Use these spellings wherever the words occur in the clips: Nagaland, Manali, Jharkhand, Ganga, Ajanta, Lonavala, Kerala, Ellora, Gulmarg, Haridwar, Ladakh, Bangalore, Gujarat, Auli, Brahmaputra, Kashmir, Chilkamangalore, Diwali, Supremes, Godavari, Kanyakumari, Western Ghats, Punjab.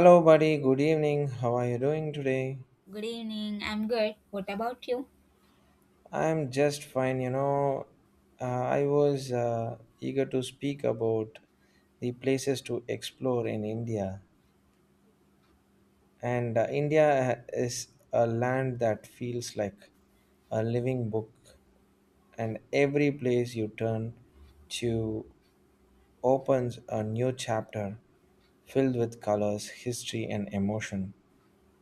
Hello, buddy. Good evening. How are you doing today? Good evening. I'm good. What about you? I'm just fine. I was eager to speak about the places to explore in India. And India is a land that feels like a living book, and every place you turn to opens a new chapter filled with colors, history, and emotion.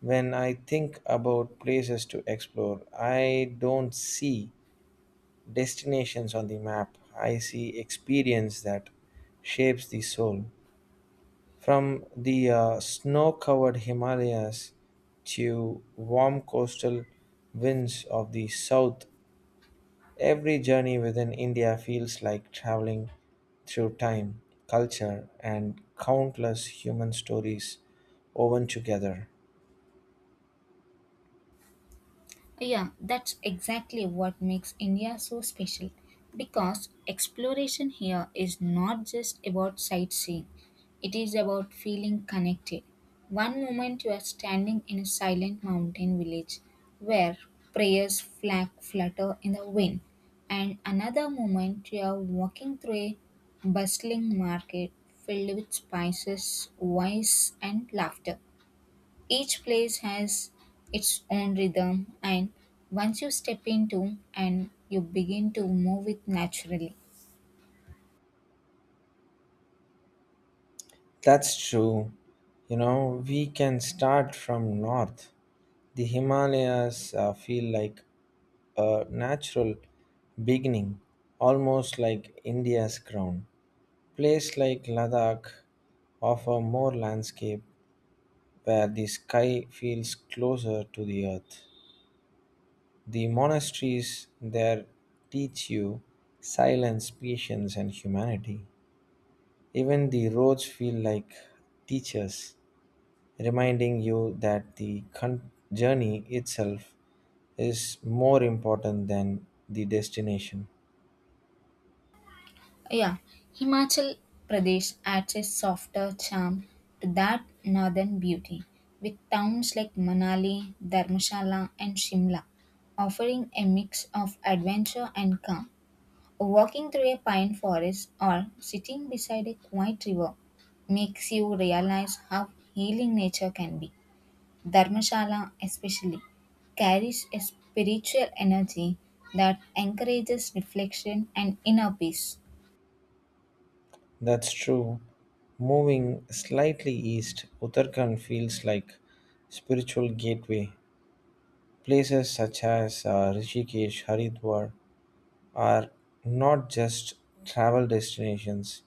When I think about places to explore, I don't see destinations on the map. I see experience that shapes the soul. From the snow-covered Himalayas to warm coastal winds of the south, every journey within India feels like traveling through time, culture, and countless human stories woven together. Yeah, that's exactly what makes India so special because exploration here is not just about sightseeing, it is about feeling connected. One moment you are standing in a silent mountain village where prayers flag flutter in the wind, and another moment you are walking through a bustling market filled with spices, voice, and laughter. Each place has its own rhythm, and once you step into and you begin to move it naturally. That's true. You know, we can start from north. The Himalayas feel like a natural beginning, almost like India's crown. Places like Ladakh offer more landscape where the sky feels closer to the earth. The monasteries there teach you silence, patience, and humanity. Even the roads feel like teachers, reminding you that the journey itself is more important than the destination. Yeah, Himachal Pradesh adds a softer charm to that northern beauty, with towns like Manali, Dharmshala, and Shimla offering a mix of adventure and calm. Walking through a pine forest or sitting beside a quiet river makes you realize how healing nature can be. Dharmshala, especially, carries a spiritual energy that encourages reflection and inner peace. That's true. Moving slightly east, Uttarakhand feels like spiritual gateway. Places such as Rishikesh, Haridwar are not just travel destinations;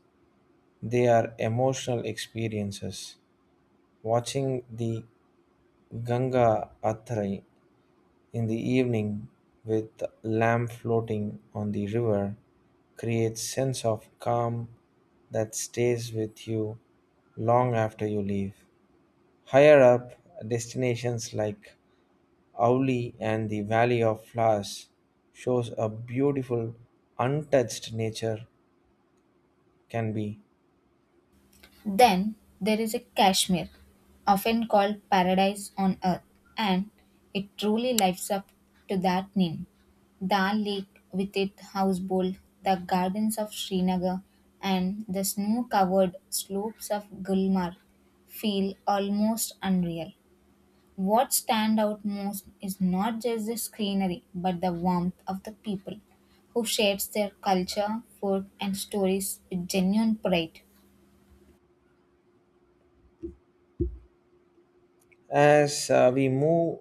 they are emotional experiences. Watching the Ganga Athrai in the evening with the lamp floating on the river creates sense of calm that stays with you long after you leave. Higher up, destinations like Auli and the Valley of Flowers shows a beautiful untouched nature can be. Then there is a Kashmir, often called paradise on earth, and it truly lives up to that name. Dal Lake, with its houseboat, the gardens of Srinagar, and the snow covered slopes of Gulmarg feel almost unreal. What stand out most is not just the scenery, but the warmth of the people who shares their culture, food, and stories with genuine pride. As we move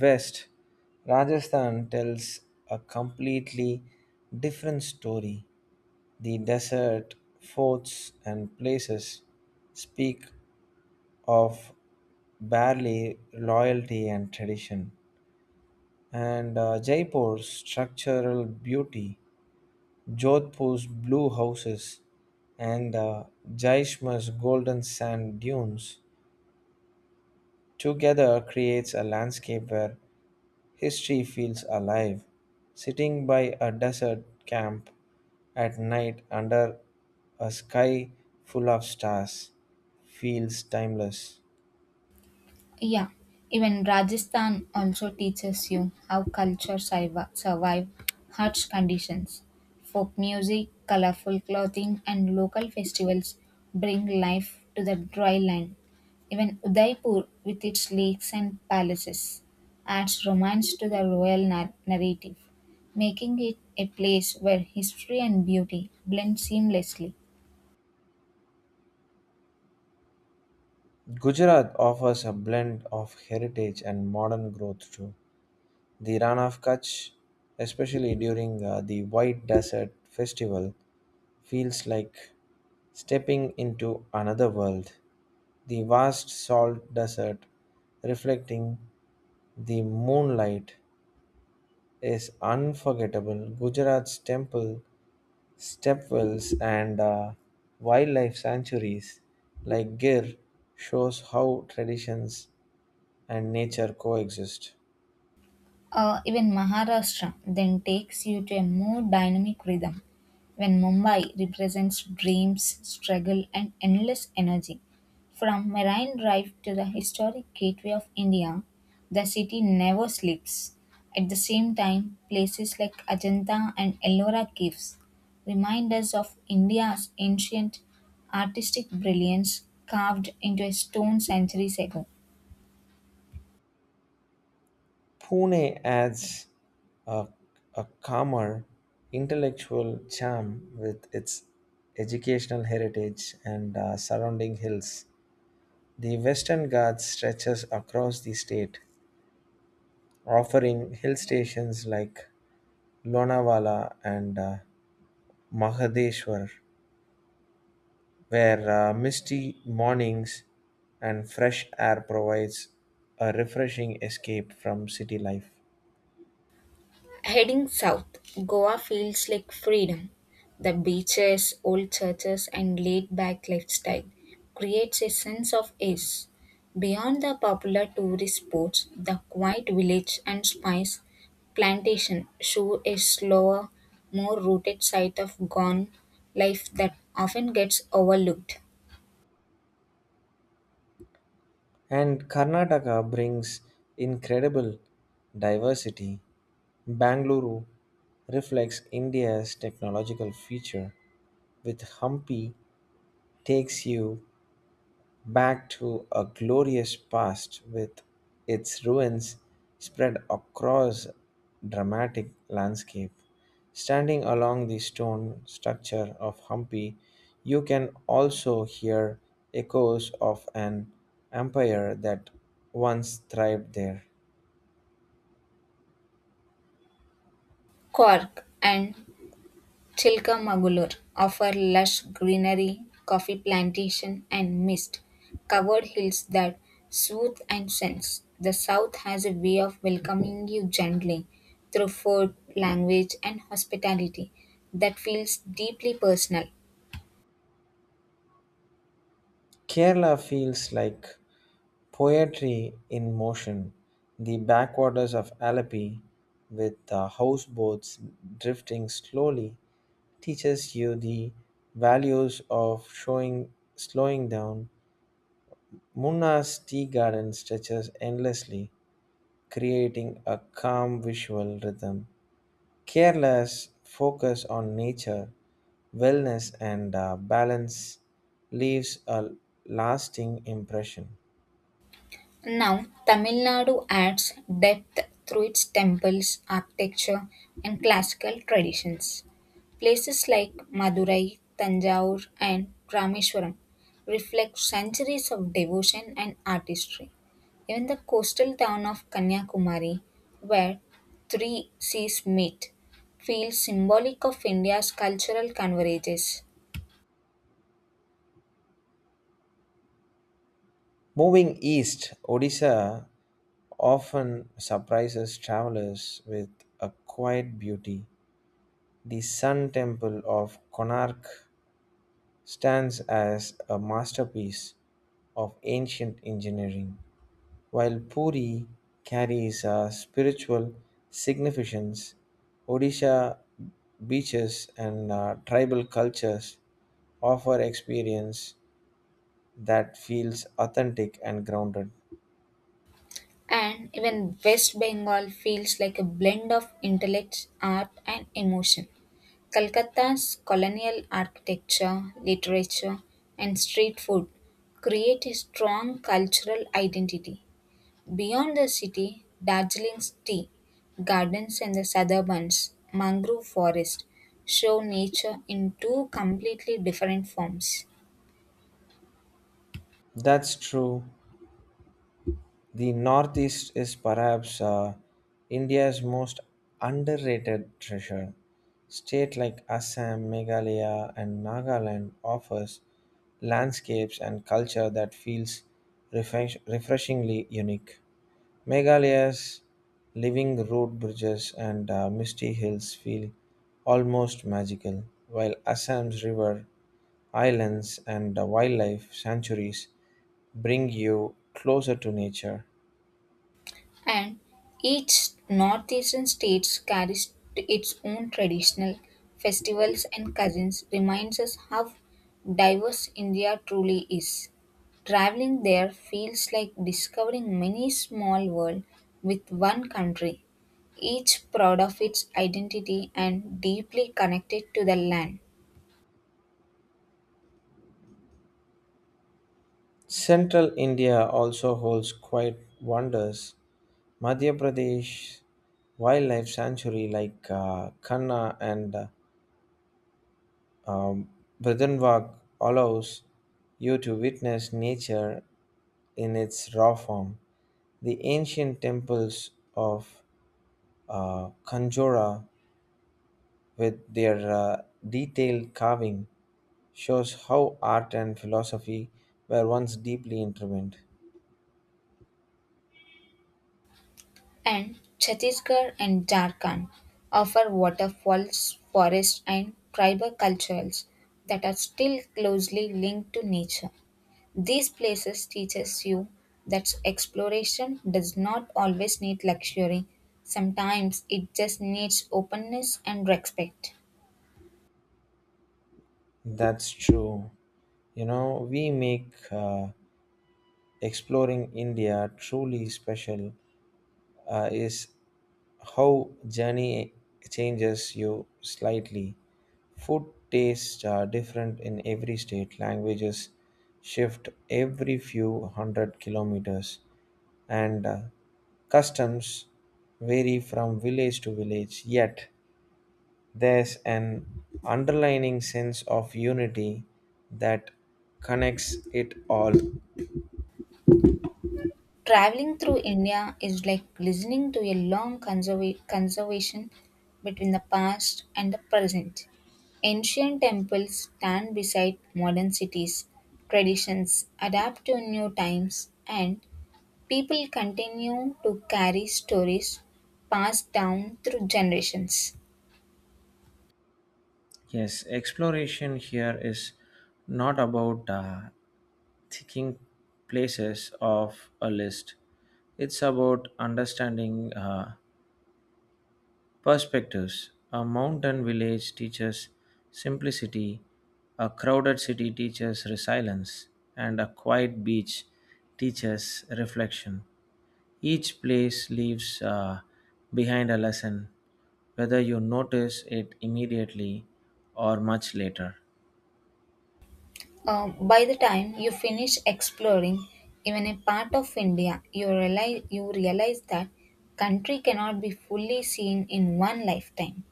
west, Rajasthan tells a completely different story. The desert forts and places speak of barely loyalty and tradition, and Jaipur's structural beauty, Jodhpur's blue houses, and Jaishma's golden sand dunes together creates a landscape where history feels alive. Sitting by a desert camp at night under a sky full of stars feels timeless. Yeah, even Rajasthan also teaches you how culture survive harsh conditions. Folk music, colorful clothing, and local festivals bring life to the dry land. Even Udaipur, with its lakes and palaces, adds romance to the royal narrative, making it a place where history and beauty blend seamlessly. Gujarat offers a blend of heritage and modern growth too. The Ran of Kutch, especially during the White Desert Festival, feels like stepping into another world. The vast salt desert reflecting the moonlight is unforgettable. Gujarat's temple, stepwells, and wildlife sanctuaries like Gir shows how traditions and nature coexist. Even Maharashtra then takes you to a more dynamic rhythm when Mumbai represents dreams, struggle, and endless energy. From Marine Drive to the historic gateway of India, the city never sleeps. At the same time, places like Ajanta and Ellora caves remind us of India's ancient artistic brilliance carved into a stone centuries ago. Pune adds a, a calmer intellectual charm with its educational heritage and surrounding hills. The Western Ghats stretches across the state, offering hill stations like Lonavala and Mahadeshwar, where misty mornings and fresh air provides a refreshing escape from city life. Heading south, Goa feels like freedom. The beaches, old churches, and laid back lifestyle creates a sense of ease. Beyond the popular tourist spots, the quiet village and spice plantation show a slower, more rooted side of gone life that often gets overlooked. And Karnataka brings incredible diversity. Bangalore reflects India's technological future, with Hampi takes you back to a glorious past with its ruins spread across dramatic landscape. Standing along the stone structure of Hampi, you can also hear echoes of an empire that once thrived there. Cork and Chilkamangalore offer lush greenery, coffee plantation and mist covered hills that soothe and sense. The south has a way of welcoming you gently through food, language and hospitality that feels deeply personal. Kerala feels like poetry in motion. The backwaters of Alapi, with the houseboats drifting slowly teaches you the values of showing slowing down. Munna's tea garden stretches endlessly, creating a calm visual rhythm. Kerala's focus on nature, wellness, and balance leaves a lasting impression. Now, Tamil Nadu adds depth through its temples, architecture, and classical traditions. Places like Madurai, Tanjavur, and Rameswaram reflect centuries of devotion and artistry. Even the coastal town of Kanyakumari, where three seas meet, feels symbolic of India's cultural converges. Moving east, Odisha often surprises travelers with a quiet beauty. The Sun Temple of Konark stands as a masterpiece of ancient engineering, while Puri carries a spiritual significance. Odisha beaches and tribal cultures offer experience that feels authentic and grounded. And even West Bengal feels like a blend of intellect, art, and emotion. Calcutta's colonial architecture, literature, and street food create a strong cultural identity. Beyond the city, Darjeeling's tea gardens and the suburbans, mangrove forest show nature in two completely different forms. That's true. The Northeast is perhaps India's most underrated treasure. States like Assam, Meghalaya, and Nagaland offers landscapes and culture that feels refreshingly unique. Meghalaya's living road bridges and misty hills feel almost magical, while Assam's river islands and wildlife sanctuaries bring you closer to nature. And each northeastern state carries its own traditional festivals and cousins reminds us how diverse India truly is. Traveling there feels like discovering many small world with one country, each proud of its identity and deeply connected to the land. Central India also holds quite wonders. Madhya Pradesh wildlife sanctuary like Kanha and um, Bridhanwag allows you to witness nature in its raw form. The ancient temples of Kanjora with their detailed carving shows how art and philosophy were once deeply intertwined. And Chhattisgarh and Jharkhand offer waterfalls, forests, and tribal cultures that are still closely linked to nature. These places teaches you that exploration does not always need luxury. Sometimes it just needs openness and respect. That's true. You know, we make exploring India truly special is how journey changes you slightly. Food tastes are different in every state. Languages shift every few hundred kilometers, and customs vary from village to village. Yet there's an underlining sense of unity that connects it all. Traveling through India is like listening to a long conservation between the past and the present. Ancient temples stand beside modern cities, traditions adapt to new times, and people continue to carry stories passed down through generations. Yes, exploration here is not about ticking places off a list, it's about understanding. Perspectives. A mountain village teaches simplicity, a crowded city teaches resilience, and a quiet beach teaches reflection. Each place leaves behind a lesson, whether you notice it immediately or much later. By the time you finish exploring even a part of India, you realize that country cannot be fully seen in one lifetime.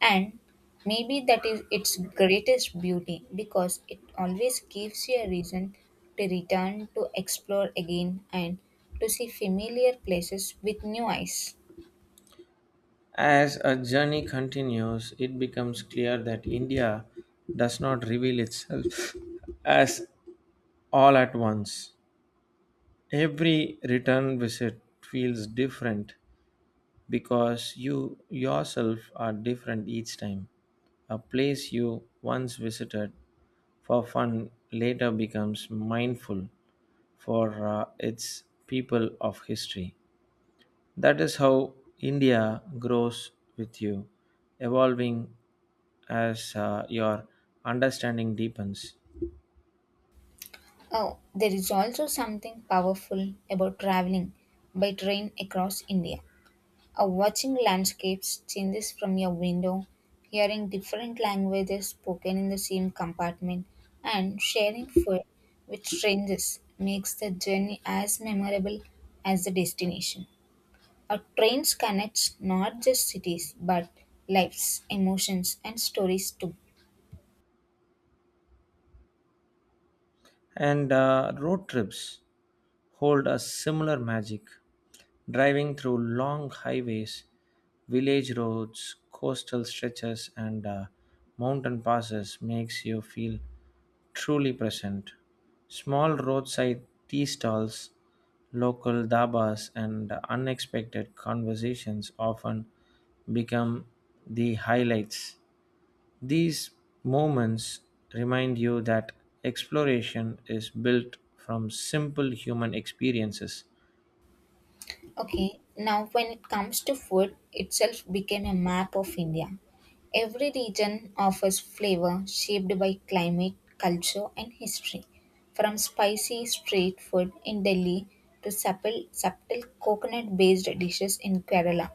And maybe that is its greatest beauty because it always gives you a reason to return, to explore again, and to see familiar places with new eyes. As a journey continues, it becomes clear that India does not reveal itself as all at once. Every return visit feels different because you yourself are different each time. A place you once visited for fun later becomes mindful for its people of history. That is how India grows with you, evolving as your understanding deepens. Oh, there is also something powerful about traveling by train across India. Watching landscapes changes from your window, hearing different languages spoken in the same compartment, and sharing food with strangers makes the journey as memorable as the destination. A train connects not just cities but lives, emotions, and stories too. And road trips hold a similar magic. Driving through long highways, village roads, coastal stretches, and mountain passes makes you feel truly present. Small roadside tea stalls, local dabas, and unexpected conversations often become the highlights. These moments remind you that exploration is built from simple human experiences. Okay, now when it comes to food, itself became a map of India. Every region offers flavor shaped by climate, culture, and history. From spicy street food in Delhi to supple, subtle coconut based dishes in Kerala,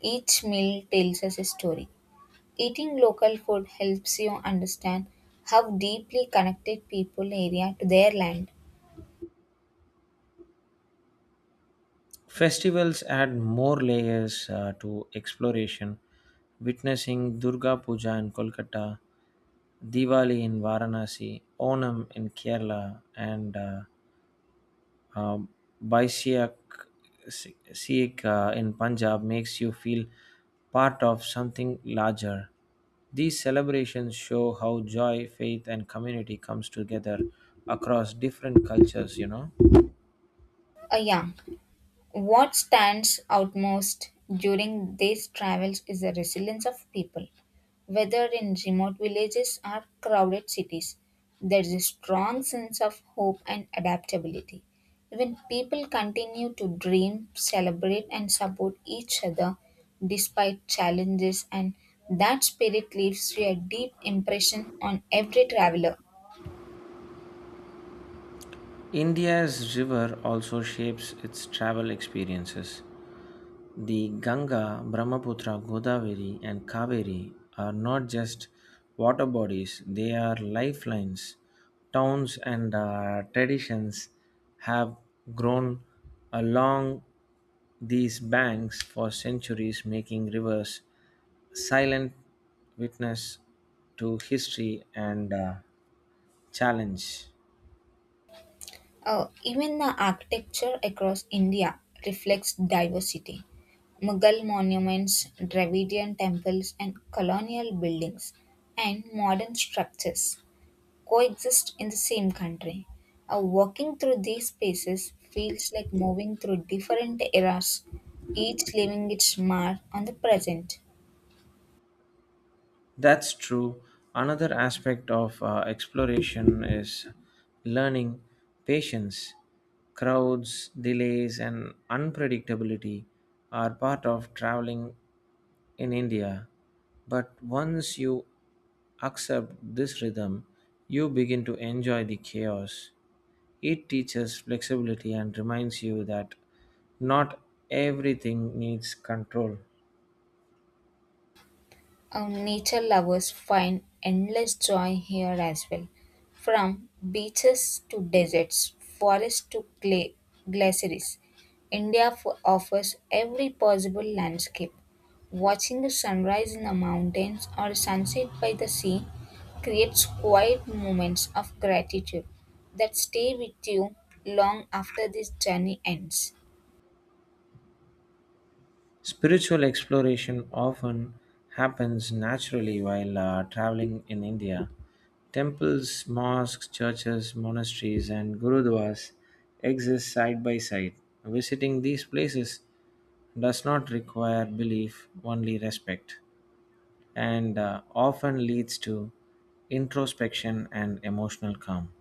each meal tells us a story. Eating local food helps you understand how deeply connected people area to their land. Festivals add more layers to exploration. Witnessing Durga Puja in Kolkata, Diwali in Varanasi, Onam in Kerala, and Um, Baisiak Sikh in Punjab makes you feel part of something larger. These celebrations show how joy, faith, and community comes together across different cultures, you know. Yeah, what stands out most during these travels is the resilience of people. Whether in remote villages or crowded cities, there is a strong sense of hope and adaptability. When people continue to dream, celebrate, and support each other despite challenges, and that spirit leaves a deep impression on every traveler. India's river also shapes its travel experiences. The Ganga, Brahmaputra, Godavari, and Kaveri are not just water bodies, they are lifelines. Towns and traditions have grown along these banks for centuries, making rivers silent witness to history and challenge. Even the architecture across India reflects diversity. Mughal monuments, Dravidian temples, and colonial buildings and modern structures coexist in the same country. Walking through these spaces feels like moving through different eras, each leaving its mark on the present. That's true. Another aspect of exploration is learning patience. Crowds, delays, and unpredictability are part of traveling in India. But once you accept this rhythm, you begin to enjoy the chaos. It teaches flexibility and reminds you that not everything needs control. Our nature lovers find endless joy here as well. From beaches to deserts, forests to glaciers, India offers every possible landscape. Watching the sunrise in the mountains or sunset by the sea creates quiet moments of gratitude that stay with you long after this journey ends. Spiritual exploration often happens naturally while traveling in India. Temples, mosques, churches, monasteries, and gurudwaras exist side by side. Visiting these places does not require belief, only respect, and often leads to introspection and emotional calm.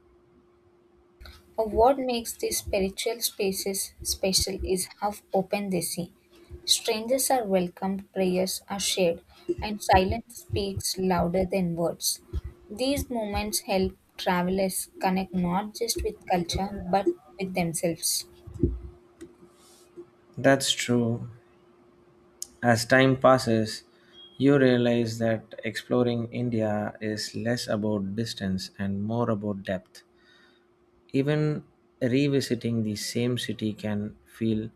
What makes these spiritual spaces special is how open they seem. Strangers are welcomed, prayers are shared, and silence speaks louder than words. These moments help travelers connect not just with culture but with themselves. That's true. As time passes, you realize that exploring India is less about distance and more about depth. Even revisiting the same city can feel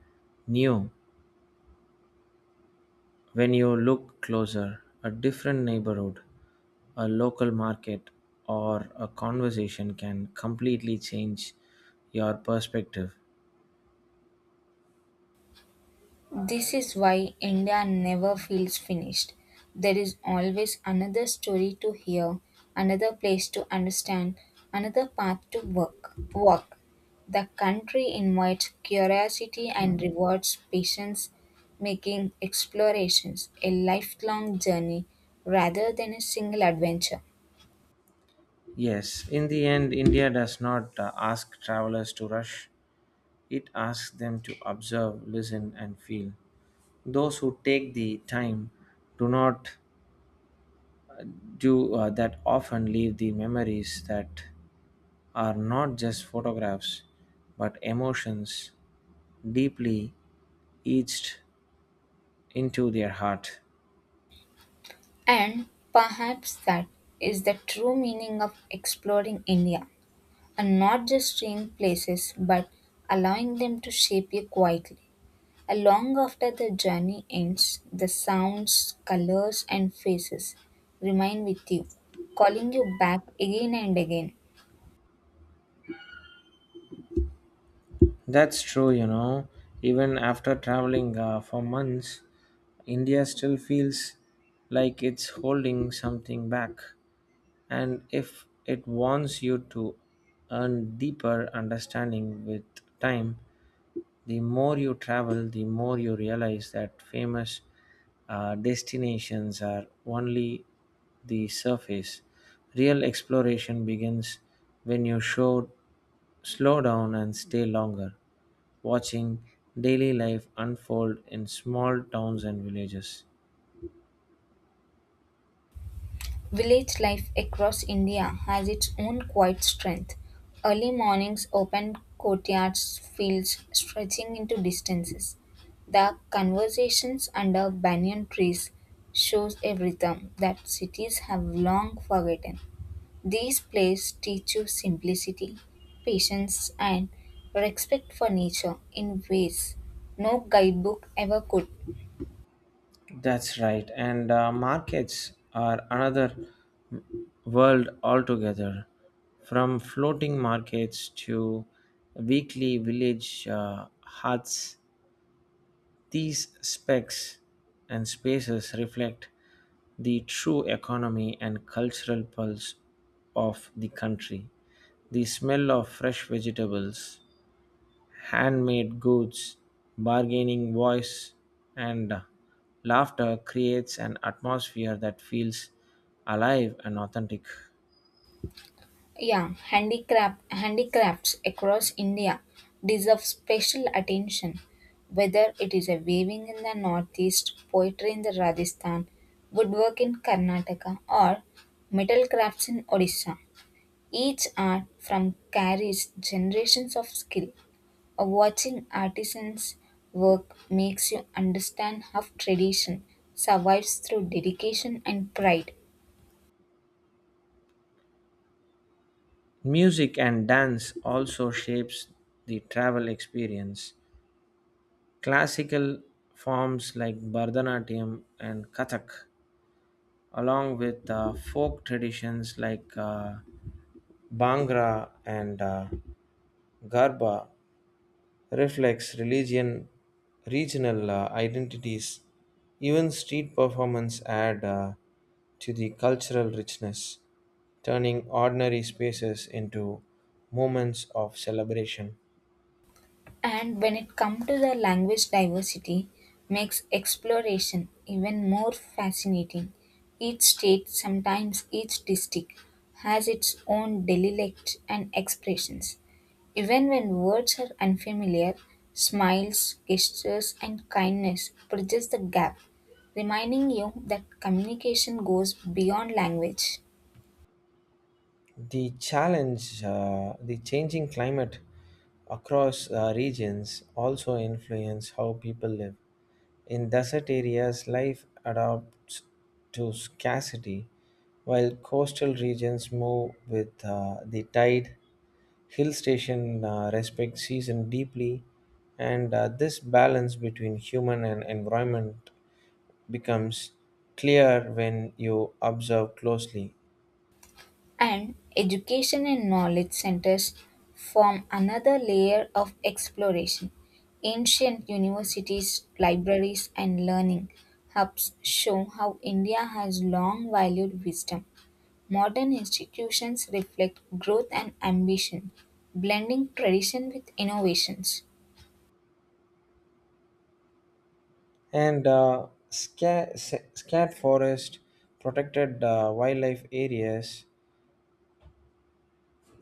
new when you look closer. A different neighborhood, a local market, or a conversation can completely change your perspective. This is why India never feels finished. There is always another story to hear, another place to understand, another path to work. Walk. The country invites curiosity and rewards patience, making explorations a lifelong journey rather than a single adventure. Yes, in the end, India does not ask travelers to rush. It asks them to observe, listen, and feel. Those who take the time do not do that often leave the memories that are not just photographs but emotions deeply etched into their heart. And perhaps that is the true meaning of exploring India, and not just staying places but allowing them to shape you quietly. And long after the journey ends, the sounds, colors, and faces remain with you, calling you back again and again. That's true, you know. Even after traveling for months, India still feels like it's holding something back. And if it wants you to earn deeper understanding with time, the more you travel, the more you realize that famous destinations are only the surface. Real exploration begins when you slow down and stay longer, watching daily life unfold in small towns and villages. Village life across India has its own quiet strength. Early mornings open courtyards, fields stretching into distances. The conversations under banyan trees shows a rhythm that cities have long forgotten. These plays teach you simplicity, patience, and respect for nature in ways no guidebook ever could. That's right. And markets are another world altogether. From floating markets to weekly village huts, these specs and spaces reflect the true economy and cultural pulse of the country. The smell of fresh vegetables, handmade goods, bargaining voice, and laughter creates an atmosphere that feels alive and authentic. Yeah, handicrafts across India deserve special attention. Whether it is a weaving in the northeast, poetry in the Rajasthan, woodwork in Karnataka, or metal crafts in Odisha, each art from carries generations of skill. Watching artisans work makes you understand how tradition survives through dedication and pride. Music and dance also shapes the travel experience. Classical forms like Bharatanatyam and Kathak, along with folk traditions like Bhangra and Garba, reflects religion, regional identities, even street performance add to the cultural richness, turning ordinary spaces into moments of celebration. And when it comes to the language diversity, makes exploration even more fascinating. Each state, sometimes each district, has its own dialect and expressions. Even when words are unfamiliar, smiles, gestures, and kindness bridges the gap, reminding you that communication goes beyond language. The challenge, the changing climate across regions also influence how people live. In desert areas, life adapts to scarcity, while coastal regions move with the tide. Hill station respect season deeply, and this balance between human and environment becomes clear when you observe closely. And education and knowledge centers form another layer of exploration. Ancient universities, libraries, and learning hubs show how India has long valued wisdom. Modern institutions reflect growth and ambition, blending tradition with innovations. Scat forest protected wildlife areas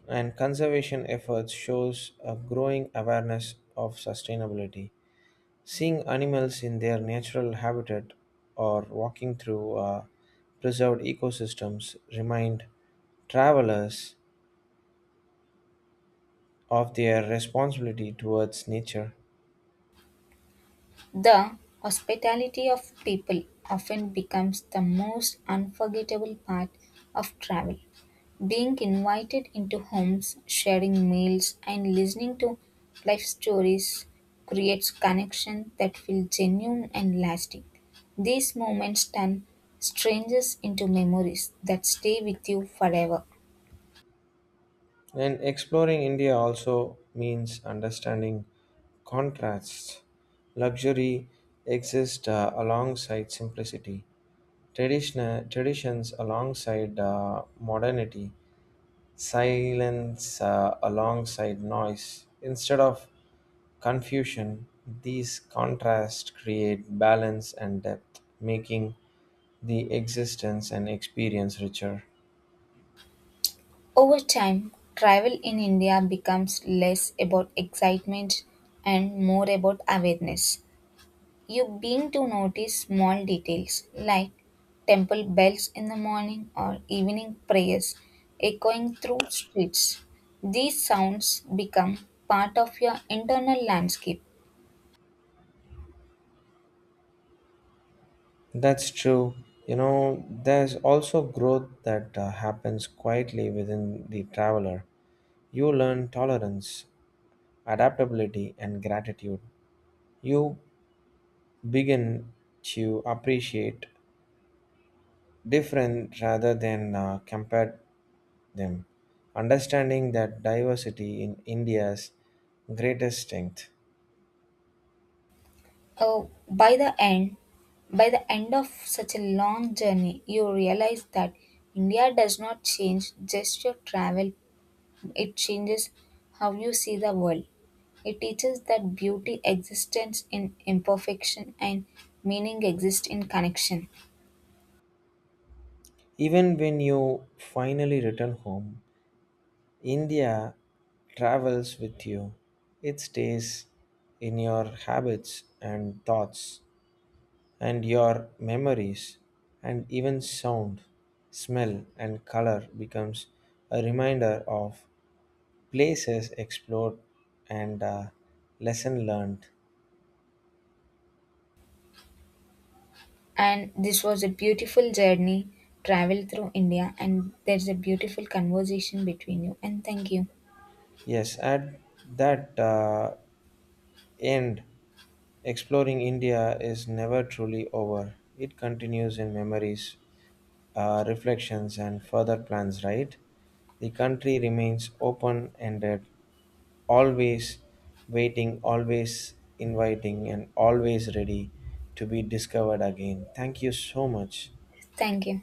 and conservation efforts shows a growing awareness of sustainability, seeing animals in their natural habitat or walking through preserved ecosystems remind travelers of their responsibility towards nature. The hospitality of people often becomes the most unforgettable part of travel. Being invited into homes, sharing meals, and listening to life stories creates connections that feel genuine and lasting. These moments turn strangers into memories that stay with you forever. And exploring India also means understanding contrasts. Luxury exists alongside simplicity, traditional traditions alongside modernity, silence alongside noise. Instead of confusion, these contrasts create balance and depth, making the existence and experience richer. Over time, travel in India becomes less about excitement and more about awareness. You begin to notice small details like temple bells in the morning or evening prayers echoing through streets. These sounds become part of your internal landscape. That's true. You know, there's also growth that happens quietly within the traveler. You learn tolerance, adaptability, and gratitude. You begin to appreciate different rather than compare them, understanding that diversity in India's greatest strength. Uh, by the end, by the end of such a long journey, you realize that India does not change just your travel, it changes how you see the world. It teaches that beauty exists in imperfection and meaning exists in connection. Even when you finally return home, India travels with you. It stays in your habits and thoughts and your memories, and even sound, smell and color becomes a reminder of places explored and lesson learned. And this was a beautiful journey travel through India and there's a beautiful conversation between you and thank you. Yes, add that. End, exploring India is never truly over. It continues in memories, reflections, and further plans, right? The country remains open ended, always waiting, always inviting, and always ready to be discovered again. Thank you so much. Thank you.